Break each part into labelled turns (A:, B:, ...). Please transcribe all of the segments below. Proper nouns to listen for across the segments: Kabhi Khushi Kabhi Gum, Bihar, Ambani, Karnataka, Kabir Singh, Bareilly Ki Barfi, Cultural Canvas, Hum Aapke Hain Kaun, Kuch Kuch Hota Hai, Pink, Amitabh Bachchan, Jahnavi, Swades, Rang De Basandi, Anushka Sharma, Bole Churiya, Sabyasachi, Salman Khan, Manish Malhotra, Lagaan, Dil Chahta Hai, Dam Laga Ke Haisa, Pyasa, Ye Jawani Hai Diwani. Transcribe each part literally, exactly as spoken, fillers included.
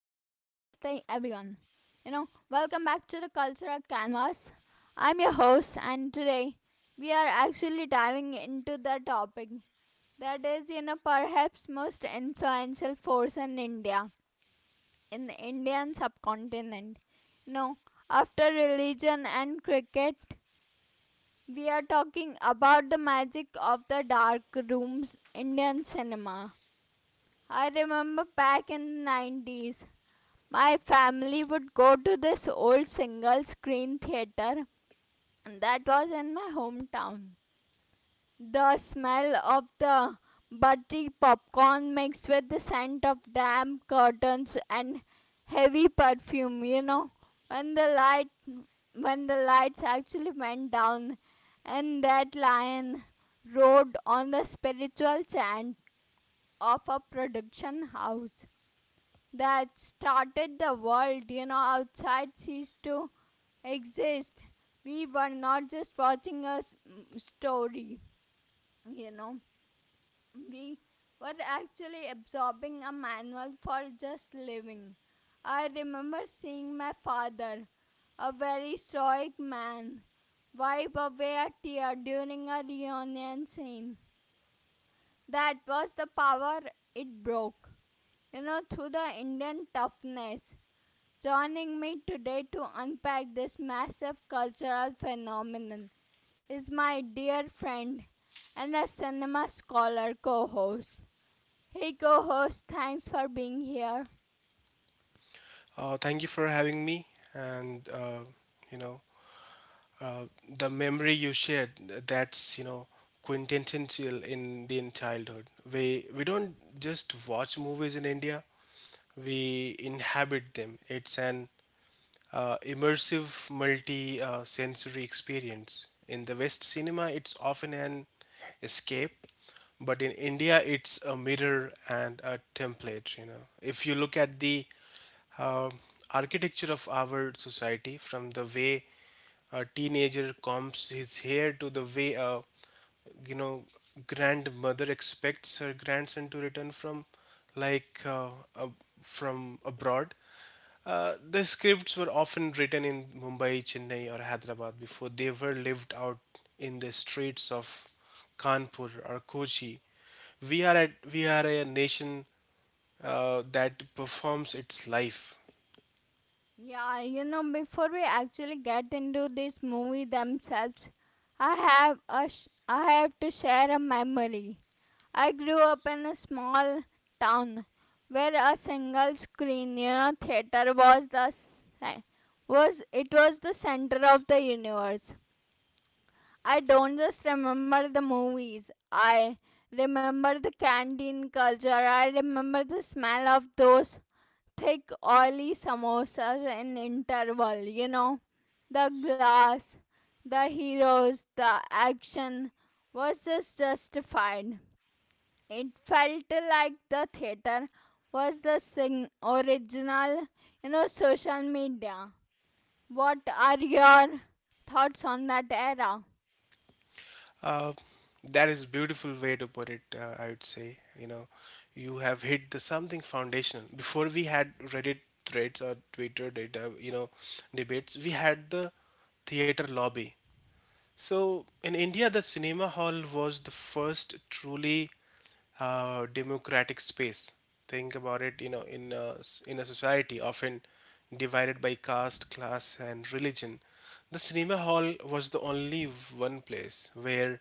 A: everyone. You know, welcome back to the Cultural Canvas. I'm your host, and today we are actually diving into the topic that is, you know, perhaps most influential force in India, in the Indian subcontinent. You know, after religion and cricket, we are talking about the magic of the dark rooms, Indian cinema. I remember back in the nineties my family would go to this old single screen theater that was in my hometown. The smell of the buttery popcorn mixed with the scent of damp curtains and heavy perfume, you know, when the light when the lights actually went down and that lion rode on the spiritual chant of a production house that started the world, you know, outside ceased to exist. We were not just watching a story, you know, we were actually absorbing a manual for just living. I remember seeing my father, a very stoic man, wipe away a tear during a reunion scene. That was the power it broke, you know, through the Indian toughness. Joining me today to unpack this massive cultural phenomenon is my dear friend and a cinema scholar co host. Hey, co host, thanks for being here.
B: Uh, thank you for having me. And, uh, you know, uh, the memory you shared, th- that's, you know, quintessential in Indian childhood. We, we don't just watch movies in India, we inhabit them. It's an uh, immersive multi uh, sensory experience. In the West cinema, it's often an escape, but in India, it's a mirror and a template. You know, if you look at the uh, architecture of our society, from the way a teenager combs his hair to the way a you know grandmother expects her grandson to return from like uh, a, from abroad. Uh, the scripts were often written in Mumbai, Chennai, or Hyderabad before they were lived out in the streets of Kanpur or Kochi. We are at, we are a nation uh, that performs its life.
A: Yeah, you know, before we actually get into this movie themselves, I have a sh- I have to share a memory. I grew up in a small town where a single screen, you know, theater was the s- was it was the center of the universe. I don't just remember the movies. I remember the canteen culture. I remember the smell of those thick oily samosas in interval, you know. The glass, the heroes, the action was just justified. It felt like the theater was the sing- original, you know, social media. What are your thoughts on that era?
B: Uh, that is a beautiful way to put it. Uh, I would say, you know, you have hit the something foundational. Before we had Reddit threads or Twitter data, you know, debates, we had the theater lobby. So, in India, the cinema hall was the first truly uh, democratic space. Think about it, you know, in a in a society often divided by caste, class, and religion, the cinema hall was the only one place where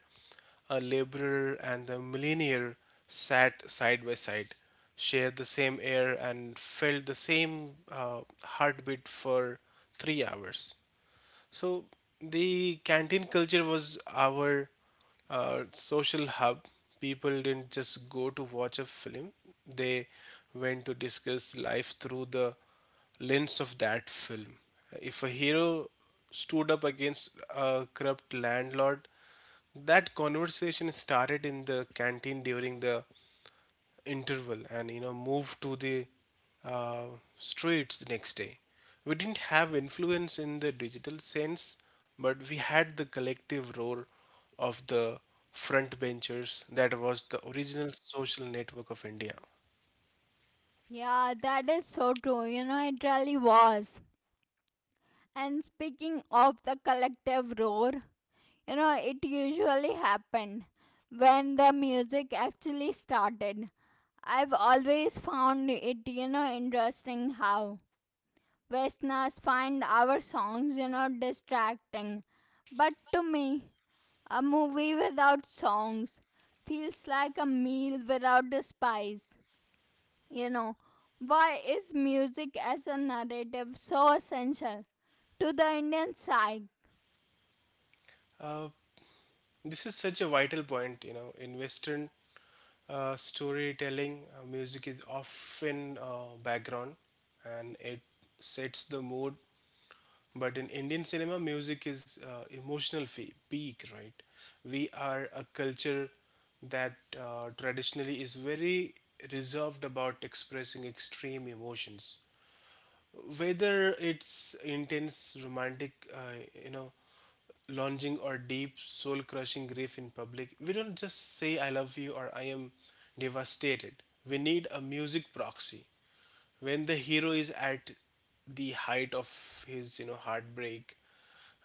B: a laborer and a millionaire sat side by side, shared the same air, and felt the same uh, heartbeat for three hours. So the canteen culture was our uh, social hub. People didn't just go to watch a film; they went to discuss life through the lens of that film. If a hero stood up against a corrupt landlord, that conversation started in the canteen during the interval and, you know, move to the uh, streets the next day. We didn't have influence in the digital sense, but we had the collective role of the front benchers. That was the original social network of India.
A: Yeah, that is so true. You know, it really was. And speaking of the collective roar, you know, it usually happened when the music actually started. I've always found it, you know, interesting how Westerners find our songs, you know, distracting. But to me, a movie without songs feels like a meal without the spice. You know, why is music as a narrative so essential to the Indian psyche?
B: Uh, this is such a vital point. You know, in Western uh, storytelling, uh, music is often uh, background and it sets the mood. But in Indian cinema, music is uh, emotional fe- peak, right? We are a culture that uh, traditionally is very reserved about expressing extreme emotions. Whether it's intense romantic, uh, you know, lunging or deep soul crushing grief in public, we don't just say I love you or I am devastated. We need a music proxy. When the hero is at the height of his, you know, heartbreak,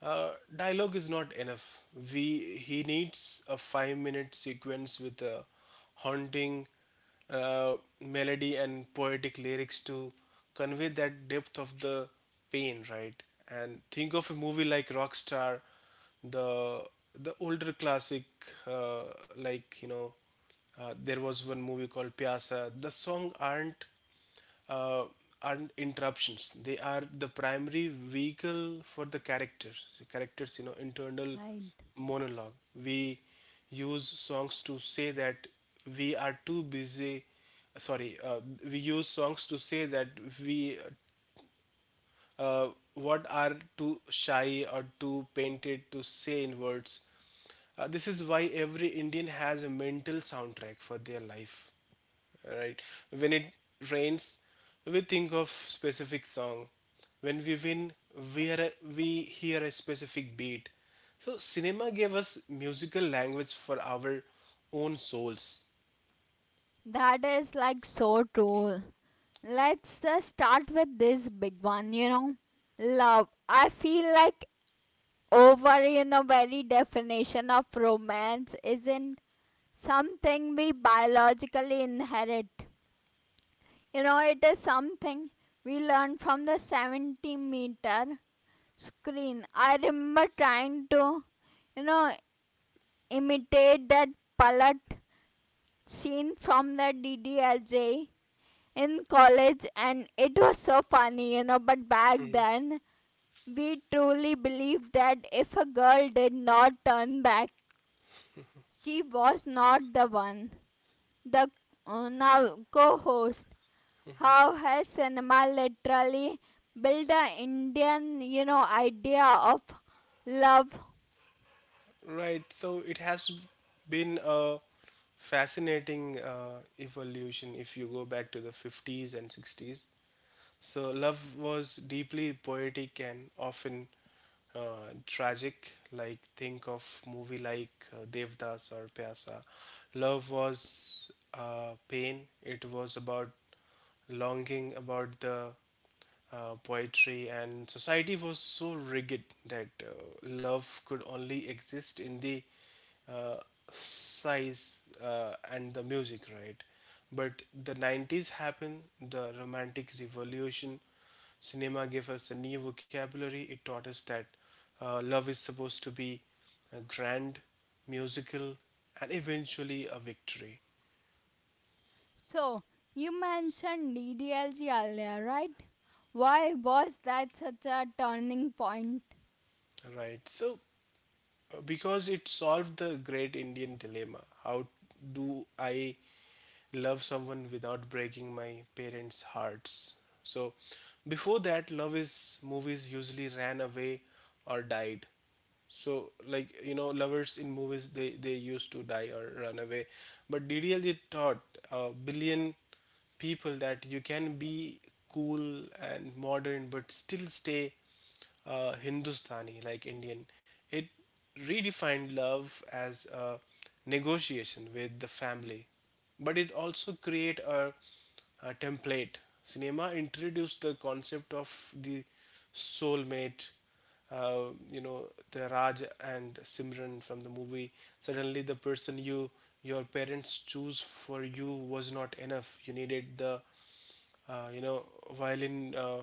B: uh, dialogue is not enough. We He needs a five minute sequence with a haunting uh, melody and poetic lyrics to convey that depth of the pain, right? And think of a movie like rockstar, the the older classic, uh, like you know uh, there was one movie called Pyasa. The song aren't uh, are interruptions. They are the primary vehicle for the characters. The characters, you know, internal
A: Right.
B: monologue. We use songs to say that we are too busy. Sorry, uh, We use songs to say that we uh, what are too shy or too painted to say in words. Uh, this is why every Indian has a mental soundtrack for their life, right? When it rains, we think of specific song. When we win, we are we hear a specific beat. So cinema gave us musical language for our own souls.
A: That is like so true. Let's just start with this big one, you know. Love. I feel like over, you know, very definition of romance isn't something we biologically inherit. You know, it is something we learn from the seventy meter screen. I remember trying to, you know, imitate that pallet scene from the D D L J in college, and it was so funny, you know. But back then, we truly believed that if a girl did not turn back, she was not the one. The uh, now co host, how has cinema literally built the Indian, you know, idea of love.
B: Right. So it has been a fascinating uh, evolution. If you go back to the fifties and sixties, so, love was deeply poetic and often uh, tragic. Like, think of movie like uh, Devdas or Pyasa. Love was uh, pain, it was about longing, about the uh, poetry, and society was so rigid that uh, love could only exist in the uh, size uh, and the music, right? But the nineties happened, the romantic revolution. Cinema gave us a new vocabulary. It taught us that uh, love is supposed to be uh, grand, musical, and eventually a victory.
A: So you mentioned D D L G earlier, right? Why was that such a turning point?
B: Right, so uh, because it solved the great indian dilemma, how do I love someone without breaking my parents' hearts. So, before that, love is movies usually ran away or died. So, like you know, lovers in movies they they used to die or run away, but D D L J taught a billion people that you can be cool and modern but still stay uh, Hindustani, like Indian. It it redefined love as a negotiation with the family, but it also create a, a template. Cinema introduced the concept of the soulmate, uh, you know the raj and simran from the movie. Suddenly the person you your parents choose for you was not enough. You needed the uh, you know violin uh,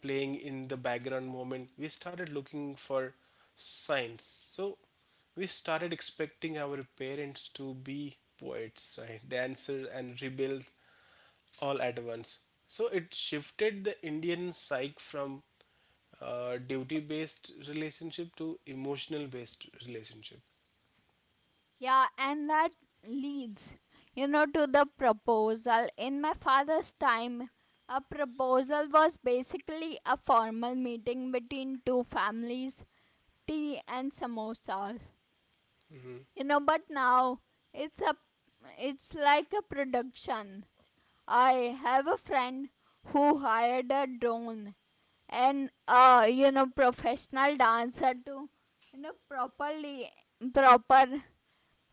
B: playing in the background moment. We started looking for signs, so we started expecting our parents to be poets, right, dancers and rebels all at once. So it shifted the indian psyche from uh, duty based relationship to emotional based relationship.
A: Yeah, and that leads, you know, to the proposal. In my father's time, a proposal was basically a formal meeting between two families, tea and samosas. you know but now it's a it's like a production. I have a friend who hired a drone and uh you know professional dancer to, you know properly proper,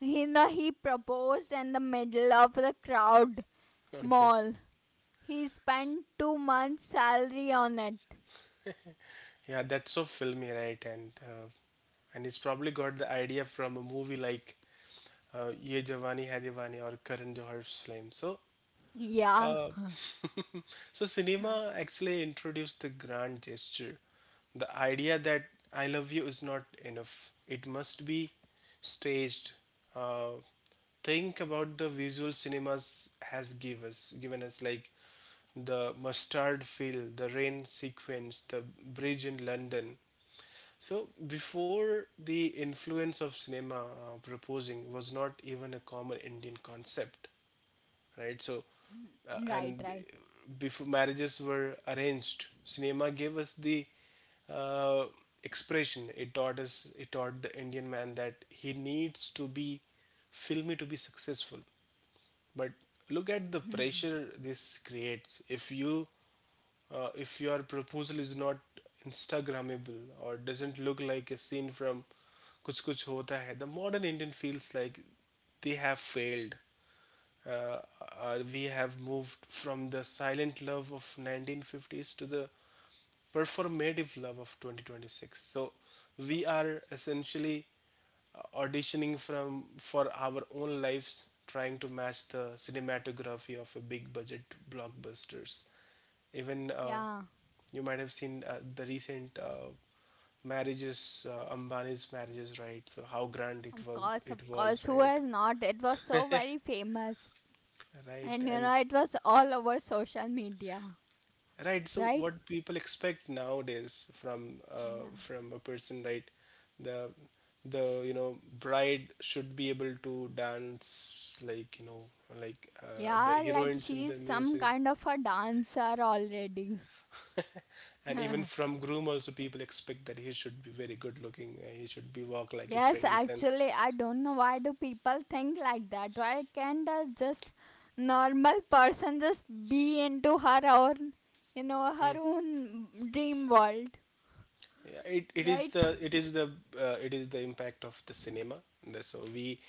A: you know he proposed in the middle of the crowd
B: Okay.
A: mall. He spent two months salary on it.
B: Yeah, that's so filmy, right? And uh, and it's probably got the idea from a movie like uh, Ye Jawani Hai Diwani or Karan Johar's Flame. So
A: Yeah.
B: uh, so, cinema actually introduced the grand gesture. The idea that I love you is not enough, it must be staged. Uh, think about the visual cinemas has give us, given us like the mustard field, the rain sequence, the bridge in London. So before the influence of cinema, uh, proposing was not even a common Indian concept, right? So uh,
A: Mm, right,
B: and
A: right.
B: before marriages were arranged, cinema gave us the uh, expression. It taught us it taught the indian man that he needs to be filmy to be successful. But look at the pressure this creates. If you uh, if your proposal is not instagrammable or doesn't look like a scene from kuch kuch hota hai, the modern indian feels like they have failed. uh, uh, we have moved from the silent love of nineteen fifties to the performative love of twenty twenty-six. So we are essentially uh, auditioning from for our own lives, trying to match the cinematography of a big budget blockbusters. Even uh,
A: Yeah.
B: you might have seen uh, the recent uh, marriages, uh, ambani's marriages, right? So how grand it
A: Of
B: was,
A: course,
B: it
A: of
B: was,
A: course. Who
B: right?
A: has not? It was so very famous.
B: Right,
A: And you
B: and
A: know, it was all over social media,
B: right, so
A: right?
B: what people expect nowadays from uh,
A: Yeah.
B: from a person, right? The the you know bride should be able to dance like, you know, like uh, the
A: Yeah, like
B: heroines in the
A: she's some
B: music,
A: kind of a dancer already.
B: and even from groom also, people expect that he should be very good looking. uh, He should be walk like a
A: Yes,
B: prince, and
A: actually, I don't know why do people think like that. Why can't a just normal person just be into her own, you know, her own dream world,
B: yeah, it, it is
A: right?
B: the it is the uh, it is the impact of the cinema. The- So we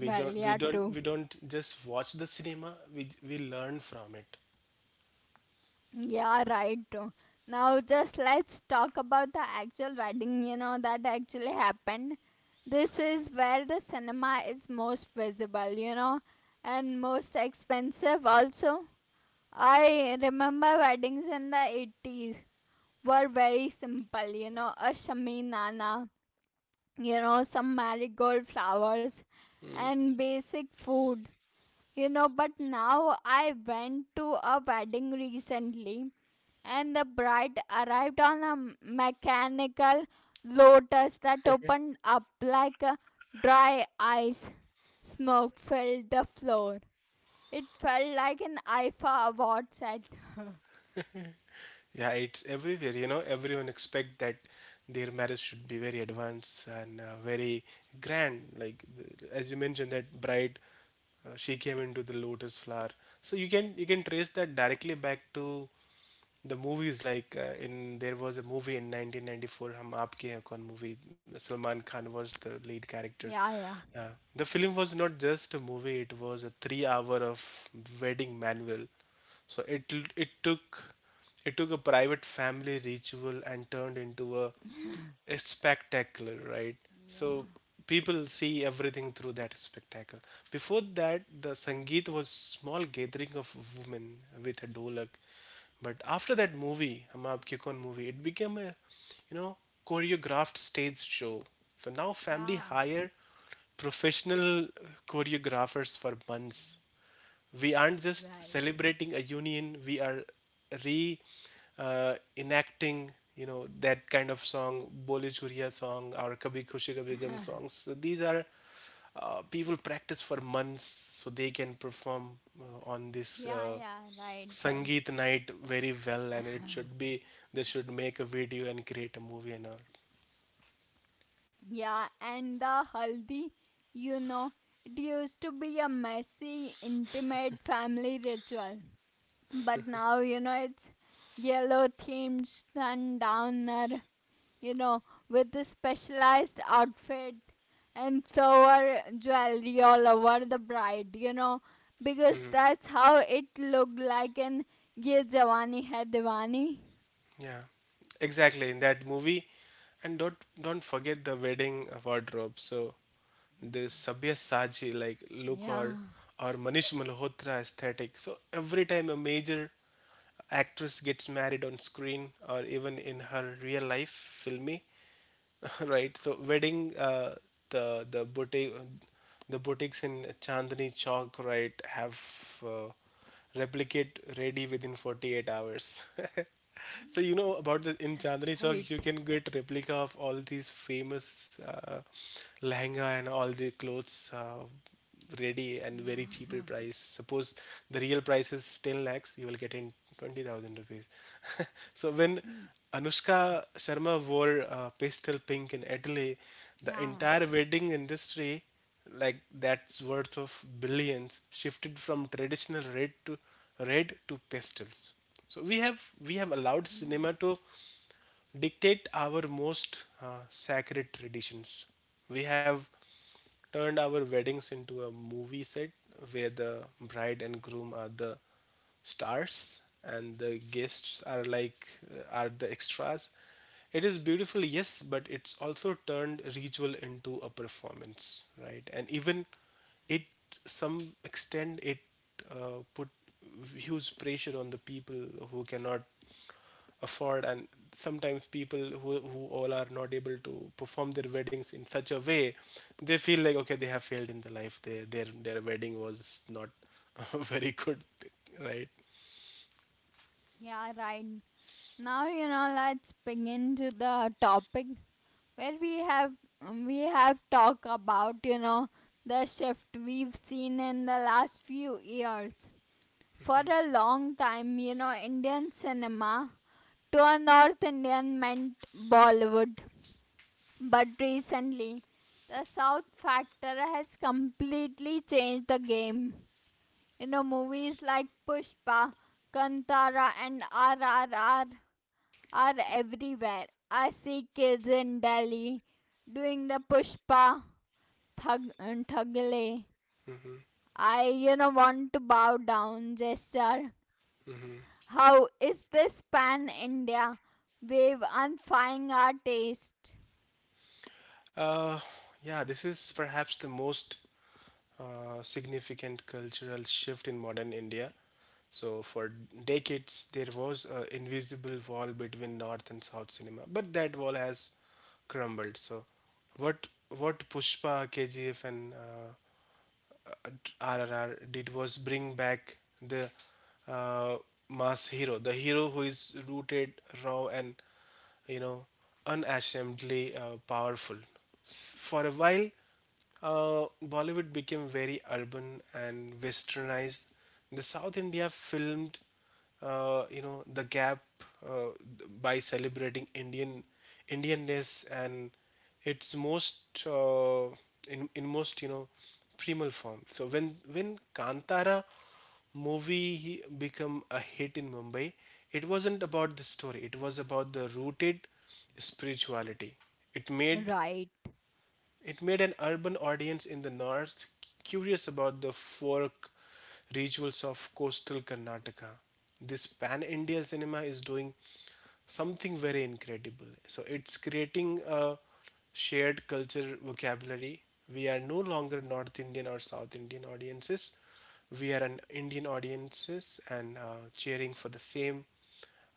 B: we
A: Well,
B: don't we
A: yeah,
B: don't
A: true.
B: we don't just watch the cinema. We we learn from it.
A: Yeah, right. Now, just let's talk about the actual wedding, you know, that actually happened. This is where the cinema is most visible, you know, and most expensive also. I remember weddings in the eighties were very simple, you know, a shaminana, you know, some marigold flowers
B: Mm.
A: and basic food you know but now I went to a wedding recently, and the bride arrived on a mechanical lotus that opened up like a dry ice smoke filled the floor. It felt like an IFA award set.
B: Yeah, it's everywhere. You know, everyone expect that their marriage should be very advanced and uh, very grand. Like the- as you mentioned, that bride, uh, she came into the lotus flower. So you can you can trace that directly back to the movies like uh, in there was a movie in nineteen ninety-four, hum aapke hain kaun movie. Salman khan was the lead character,
A: Yeah, yeah,
B: yeah. The film was not just a movie, it was a three hour of wedding manual. So it l- it took it took a private family ritual and turned into a, a spectacular, right?
A: yeah,
B: So people see everything through that spectacle. Before that the sangeet was small gathering of women with a dolak, but after that movie, Hum Aapke Kaun movie, it became a, you know, choreographed stage show. So now family
A: yeah,
B: hire professional choreographers for months. We aren't just
A: right.
B: celebrating a union, we are re uh, enacting, you know, that kind of song, Bole Churiya song, or Kabhi Khushi Kabhi Gum songs. So these are uh, people practice for months so they can perform uh, on this
A: Yeah,
B: uh,
A: yeah, right, right.
B: Sangeet night very well, and it should be they should make a video and create a movie and all.
A: Yeah, and the haldi, you know, it used to be a messy, intimate family ritual. But now, you know, it's yellow themed sundowner, you know, with a specialized outfit and so jewelry all over the bride, you know, because that's how it looked like in Ye Jawani Hai Diwani.
B: Yeah, exactly. In that movie, and don't don't forget the wedding wardrobe. So the Sabyasachi like look
A: Yeah,
B: or or Manish Malhotra aesthetic. So every time a major actress gets married on screen or even in her real life filmy, right. So wedding, uh, the the boutique, the boutiques in Chandni Chowk, right, have uh, replicate ready within forty-eight hours. So you know about the in Chandni
A: right.
B: Chowk, you can get replica of all these famous uh, lehenga and all the clothes uh, ready and very cheaper
A: Yeah.
B: price. Suppose the real price is ten lakhs, you will get in twenty thousand rupees. So when Anushka Sharma wore uh, pastel pink in Italy. The
A: Yeah,
B: entire wedding industry, like that's worth of billions, shifted from traditional red to red to pastels. So we have we have allowed
A: alright.
B: cinema to dictate our most uh, sacred traditions. We have turned our weddings into a movie set where the bride and groom are the stars and the guests are like uh, are the extras. It is beautiful, yes, but it's also turned ritual into a performance, right? And even it some extent it uh, put huge pressure on the people who cannot afford. And sometimes people who, who all are not able to perform their weddings in such a way, they feel like okay, they have failed in the life, their their, their wedding was not very good, right?
A: Yeah, right. Now, you know, let's begin to the topic where we have um, we have talked about, you know, the shift we've seen in the last few years. For a long time, you know, Indian cinema to a North Indian meant Bollywood. But recently, the South factor has completely changed the game. You know, movies like Pushpa, Kantara, and R R R are everywhere. I see kids in Delhi doing the Pushpa thug, Thagle. I, you know, want to bow down gesture. How is this pan India wave unfying our taste?
B: uh, yeah, this is perhaps the most uh, significant cultural shift in modern India. So for decades there was an invisible wall between north and south cinema, but that wall has crumbled. So what what Pushpa, KGF and uh, R R R did was bring back the uh, mass hero, the hero who is rooted, raw, and, you know, unashamedly uh, powerful. For a while, uh, Bollywood became very urban and westernized. The South India filmed uh, you know, the gap, uh, by celebrating Indian Indianness and its most uh, in in most, you know, primal form. So when when Kantara movie become a hit in Mumbai, it wasn't about the story. It was about the rooted spirituality. It made
A: Right,
B: it made an urban audience in the north curious about the folk rituals of coastal Karnataka. This pan India cinema is doing something very incredible. So it's creating a shared culture vocabulary. We are no longer North Indian or South Indian audiences. We are an Indian audiences and uh, cheering for the same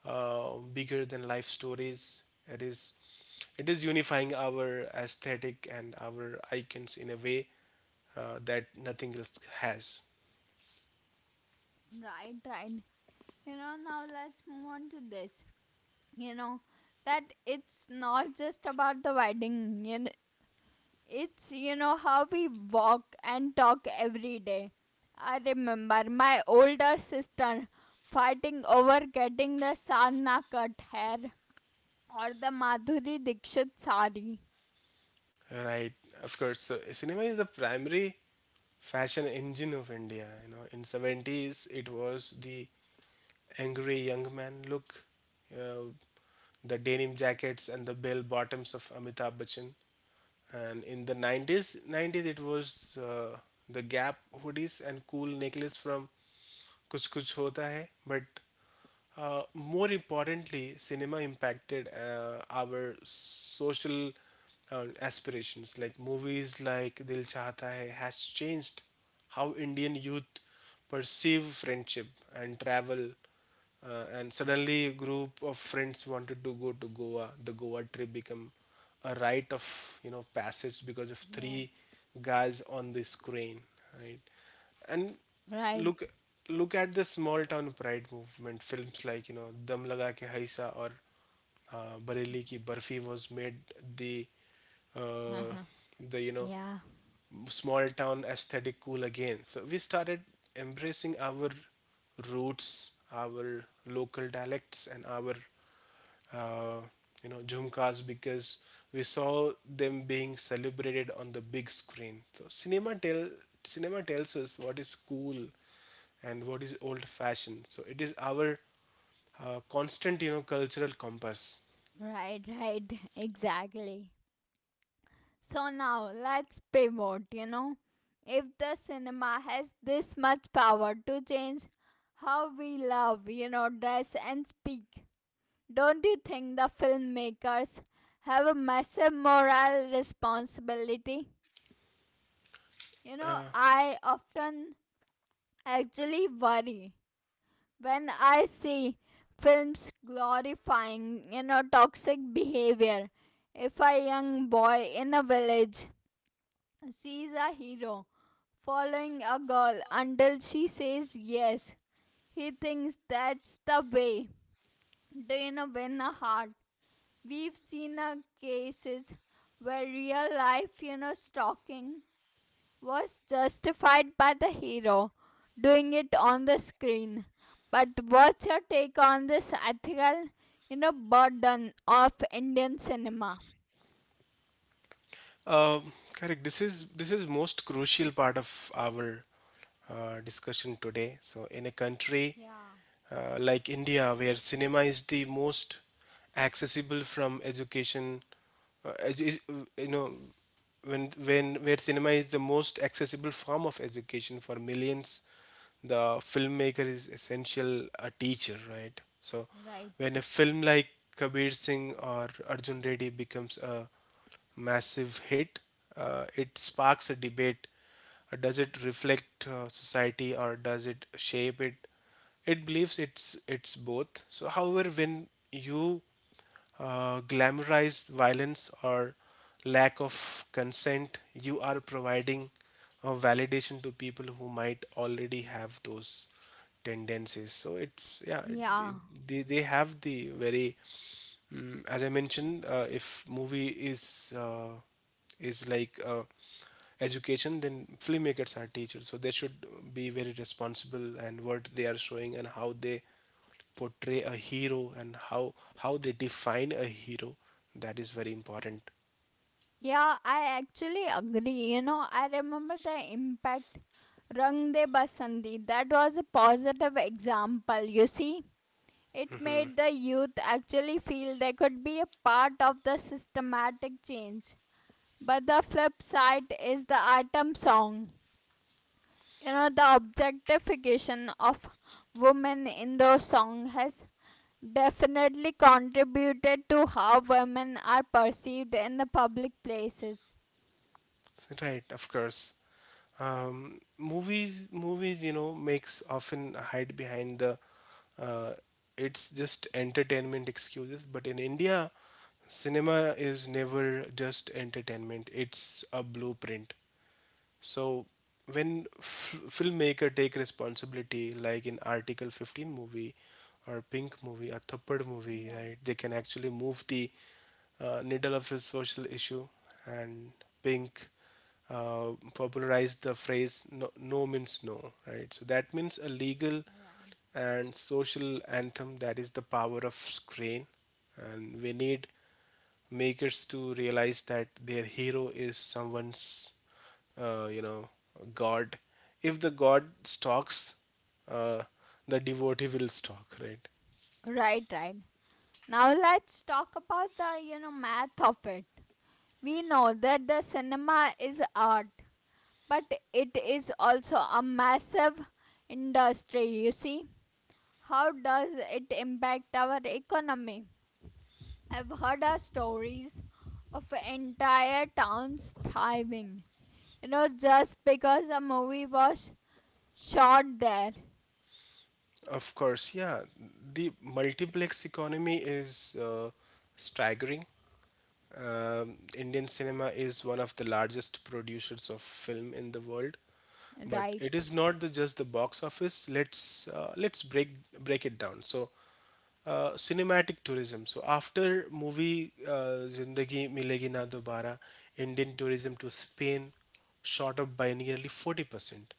B: uh, bigger than life stories. It is it is unifying our aesthetic and our icons in a way uh, that nothing else has.
A: right, right. You know, now let's move on to this. You know, that it's not just about the wedding. You know, It's, you know, how we walk and talk every day. I remember my older sister fighting over getting the Sadhna cut hair or the Madhuri Dixit sari.
B: Right? Of course, so cinema is the primary fashion engine of India. You know, in seventies it was the angry young man look, uh, the denim jackets and the bell bottoms of Amitabh Bachchan. And in the 90s 90s it was uh, the gap hoodies and cool necklace from Kuch Kuch Hota Hai. But uh, more importantly, cinema impacted uh, our social uh, aspirations. Like movies like Dil Chahta Hai has changed how Indian youth perceive friendship and travel. Uh, and suddenly, a group of friends wanted to go to Goa. The Goa trip became a rite of, you know, passage because of three
A: Yes.
B: guys on this crane, right? And
A: Right.
B: look look at the small town pride movement films like, you know, Dam Laga Ke Haisa or uh, Bareilly Ki Barfi. Was made the uh, the you know,
A: Yeah.
B: small town aesthetic cool again. So we started embracing our roots, our local dialects, and our uh, you know, jhumkas because we saw them being celebrated on the big screen. So cinema tell cinema tells us what is cool and what is old fashioned. So it is our uh, constant, you know, cultural compass.
A: Right, right. Exactly. So now let's pivot, you know. If the cinema has this much power to change how we love, you know, dress and speak, don't you think the filmmakers have a massive moral responsibility? You know,
B: Uh,
A: I often actually worry when I see films glorifying, you know, toxic behavior. If a young boy in a village sees a hero following a girl until she says yes, he thinks that's the way to, you know, win a heart. We've seen uh, cases where real life, you know, stalking was justified by the hero doing it on the screen. But what's your take on this ethical, you know, burden of Indian cinema?
B: Uh, Correct. This is this is most crucial part of our uh, discussion today. So in a country
A: Yeah,
B: uh, like India, where cinema is the most accessible from education. Uh, edu- you know, when when where cinema is the most accessible form of education for millions, the filmmaker is essential a teacher, right? So,
A: right.
B: when a film like Kabir Singh or Arjun Reddy becomes a massive hit, uh, it sparks a debate. uh, Does it reflect uh, society or does it shape it? It believes it's it's both. So, however, when you uh, glamorize violence or lack of consent, you are providing a validation to people who might already have those tendencies. So it's, yeah,
A: Yeah.
B: it- they they have the very mm, as I mentioned, uh, if movie is uh, is like a education, then filmmakers are teachers, so they should be very responsible and what they are showing and how they portray a hero and how how they define a hero, that is very important,
A: Yeah, I actually agree. You know, I remember the impact Rang De Basandi. That was a positive example, you see. It made the youth actually feel they could be a part of the systematic change. But the flip side is the item song. You know, the objectification of women in those songs has definitely contributed to how women are perceived in the public places.
B: right? Of course. um, movies movies, you know, makes often hide behind the uh, it's just entertainment excuses, but in India cinema is never just entertainment, it's a blueprint. So when f- filmmaker take responsibility, like in Article fifteen movie or Pink movie or Thappad movie,
A: Yeah,
B: right? They can actually move the uh, needle of a social issue. And Pink uh, popularized the phrase no, "No means no," right? So that means a legal and social anthem. That is the power of screen, and we need makers to realize that their hero is someone's uh, you know, god. If the god stalks, uh, the devotee will stalk, right?
A: right. Right, right. Now let's talk about the, you know, math of it. We know that the cinema is art, but it is also a massive industry, you see. How does it impact our economy? I've heard of stories of entire towns thriving, you know just because a movie was shot there,
B: Of course, yeah, the multiplex economy is uh, staggering. Um Indian cinema is one of the largest producers of film in the world, but
A: right?
B: it is not the, just the box office. Let's uh, let's break break it down. So, uh, cinematic tourism. So after movie uh, Zindagi Milegi Na Dobara, Indian tourism to Spain shot up by nearly forty percent.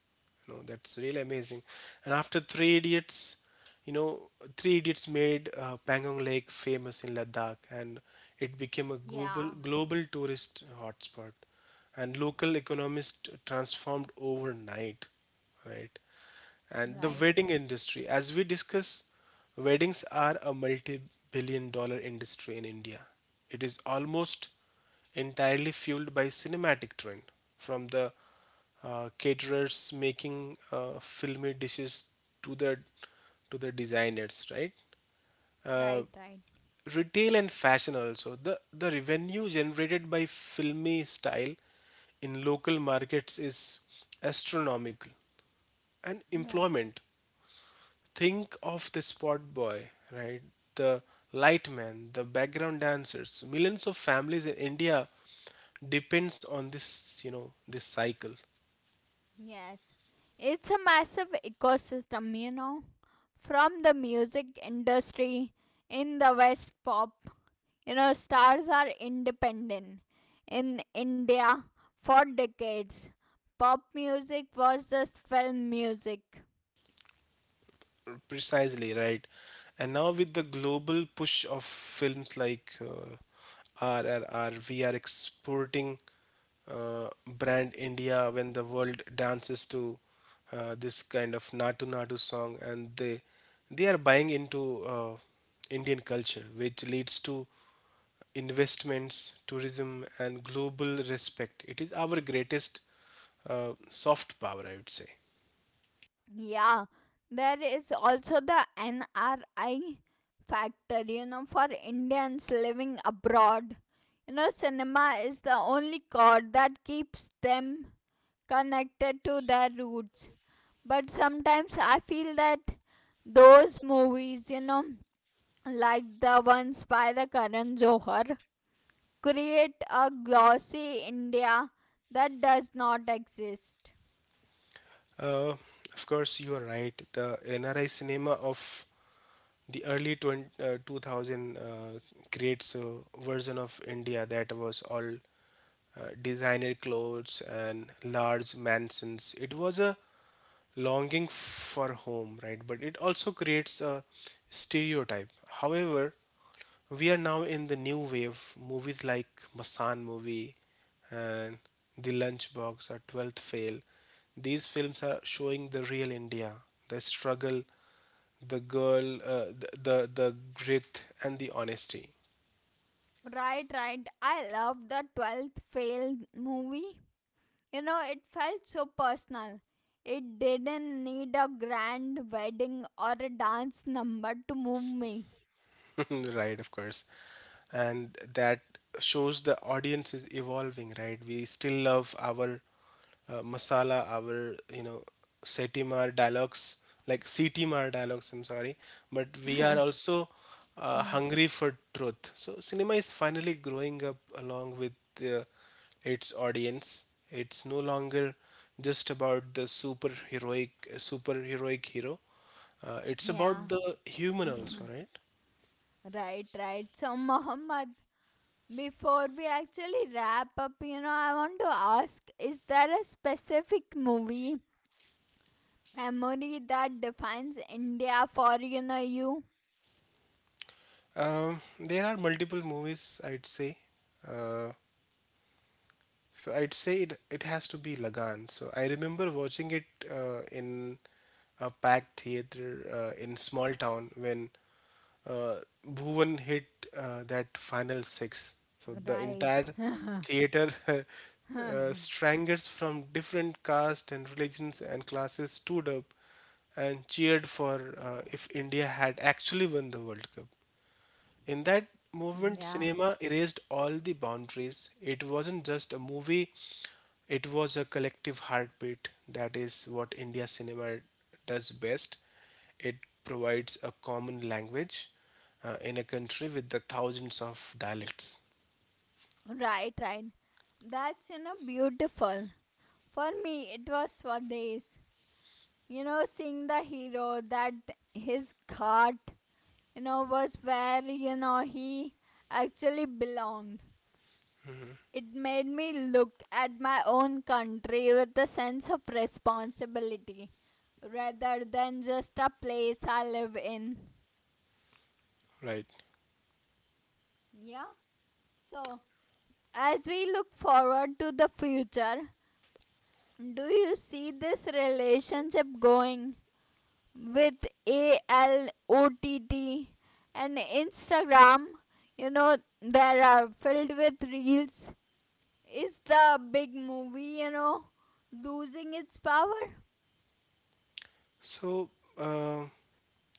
B: You know, that's really amazing. And after Three Idiots, you know, Three Idiots made uh, Pangong Lake famous in Ladakh, and it became a global,
A: Yeah.
B: global tourist hotspot. And local economies transformed overnight, right? And the
A: Right,
B: wedding industry, as we discuss, weddings are a multi billion dollar industry in India. It is almost entirely fueled by cinematic trend, from the uh, caterers making uh, filmy dishes to the to the designers, right? Uh,
A: right, right,
B: Retail and fashion also. The the revenue generated by filmy style in local markets is astronomical. And
A: right.
B: employment. Think of the spot boy, right? The lightman, the background dancers. Millions of families in India depends on this, you know, this cycle.
A: Yes, it's a massive ecosystem, you know, from the music industry in the West pop. You know, stars are independent. In India, for decades, pop music was just film music.
B: Precisely, right. And now with the global push of films like uh, R R R, we are exporting uh, brand India. When the world dances to uh, this kind of Natu Natu song, and they they are buying into uh, Indian culture, which leads to investments, tourism, and global respect. It is our greatest uh, soft power, I would say.
A: Yeah, there is also the N R I factor, you know, for Indians living abroad. You know, cinema is the only chord that keeps them connected to their roots. But sometimes I feel that those movies, you know, like the ones by the Karan Johar, create a glossy India that does not exist.
B: Uh, of course, you are right. The N R I cinema of the early twenty, uh, two thousand uh, creates a version of India that was all uh, designer clothes and large mansions. It was a longing for home, right? But it also creates a stereotype. However, we are now in the new wave movies like Masan movie and The Lunchbox or twelfth Fail. These films are showing the real India, the struggle, the girl, uh, the, the the grit and the honesty.
A: Right, right. I love the twelfth Fail movie. You know, it felt so personal. It didn't need a grand wedding or a dance number to move me.
B: Right, of course, and that shows the audience is evolving. Right, we still love our uh, masala, our, you know, setimar dialogues, like setimar dialogues, I'm sorry, but we are also uh,
A: Yeah.
B: hungry for truth. So cinema is finally growing up along with uh, its audience. It's no longer just about the super heroic super heroic hero. Uh, it's
A: Yeah.
B: about the human also, right?
A: Right, right. So, Mohammed, before we actually wrap up, you know, I want to ask is there a specific movie memory that defines India for, you know, you?
B: Um, there are multiple movies I'd say. Uh, So I'd say it, it has to be Lagan. So I remember watching it uh, in a packed theater uh, in small town when uh, Bhuvan hit uh, that final six. So the
A: Right.
B: entire theater uh, strangers from different castes and religions and classes stood up and cheered for, uh, if India had actually won the World Cup. In that movement,
A: Yeah.
B: cinema erased all the boundaries. It wasn't just a movie, it was a collective heartbeat. That is what India cinema does best. It provides a common language uh, in a country with the thousands of dialects,
A: Right, right. That's, you know, beautiful. For me, it was Swades. You know, seeing the hero that his cart, you know, was where, you know, he actually belonged. It made me look at my own country with a sense of responsibility rather than just a place I live in.
B: right?
A: Yeah. So, as we look forward to the future, do you see this relationship going with A L O T T and Instagram? You know, there are filled with reels. Is the big movie, you know, losing its power?
B: So uh,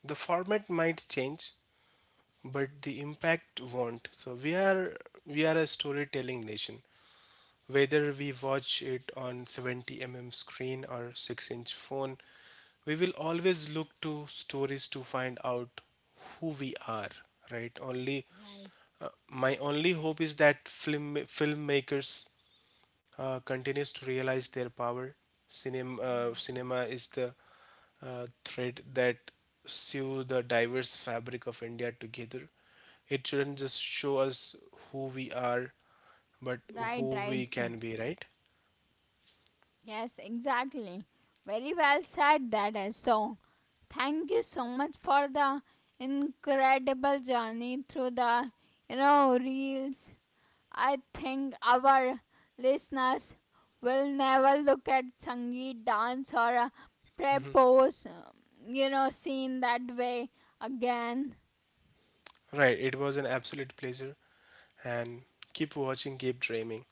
B: the format might change, but the impact won't. So we are we are a storytelling nation. Whether we watch it on seventy millimeter screen or six inch phone, we will always look to stories to find out who we are, right? Only
A: Right.
B: uh, my only hope is that film filmmakers uh, continues to realize their power. Cinema, uh, cinema is the uh, thread that sew the diverse fabric of India together. It shouldn't just show us who we are, but
A: Right, right,
B: who we
A: right. So,
B: can be, right?
A: yes, exactly. Very well said that is. So, thank you so much for the incredible journey through the, you know, reels. I think our listeners will never look at Sangeet dance or a prepose, um, you know, scene that way again.
B: Right, it was an absolute pleasure, and keep watching, keep dreaming.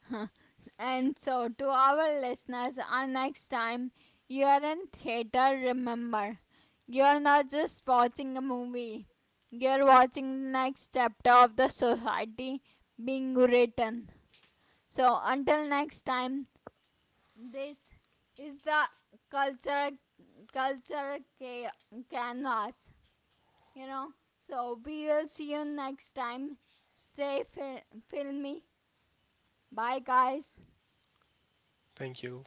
A: And so, to our listeners, our next time you're in theater, remember you're not just watching a movie, you're watching the next chapter of the society being written. So, until next time, this is the culture culture ca- canvas, you know. So, we will see you next time. Stay fil- filmy. Bye, guys.
B: Thank you.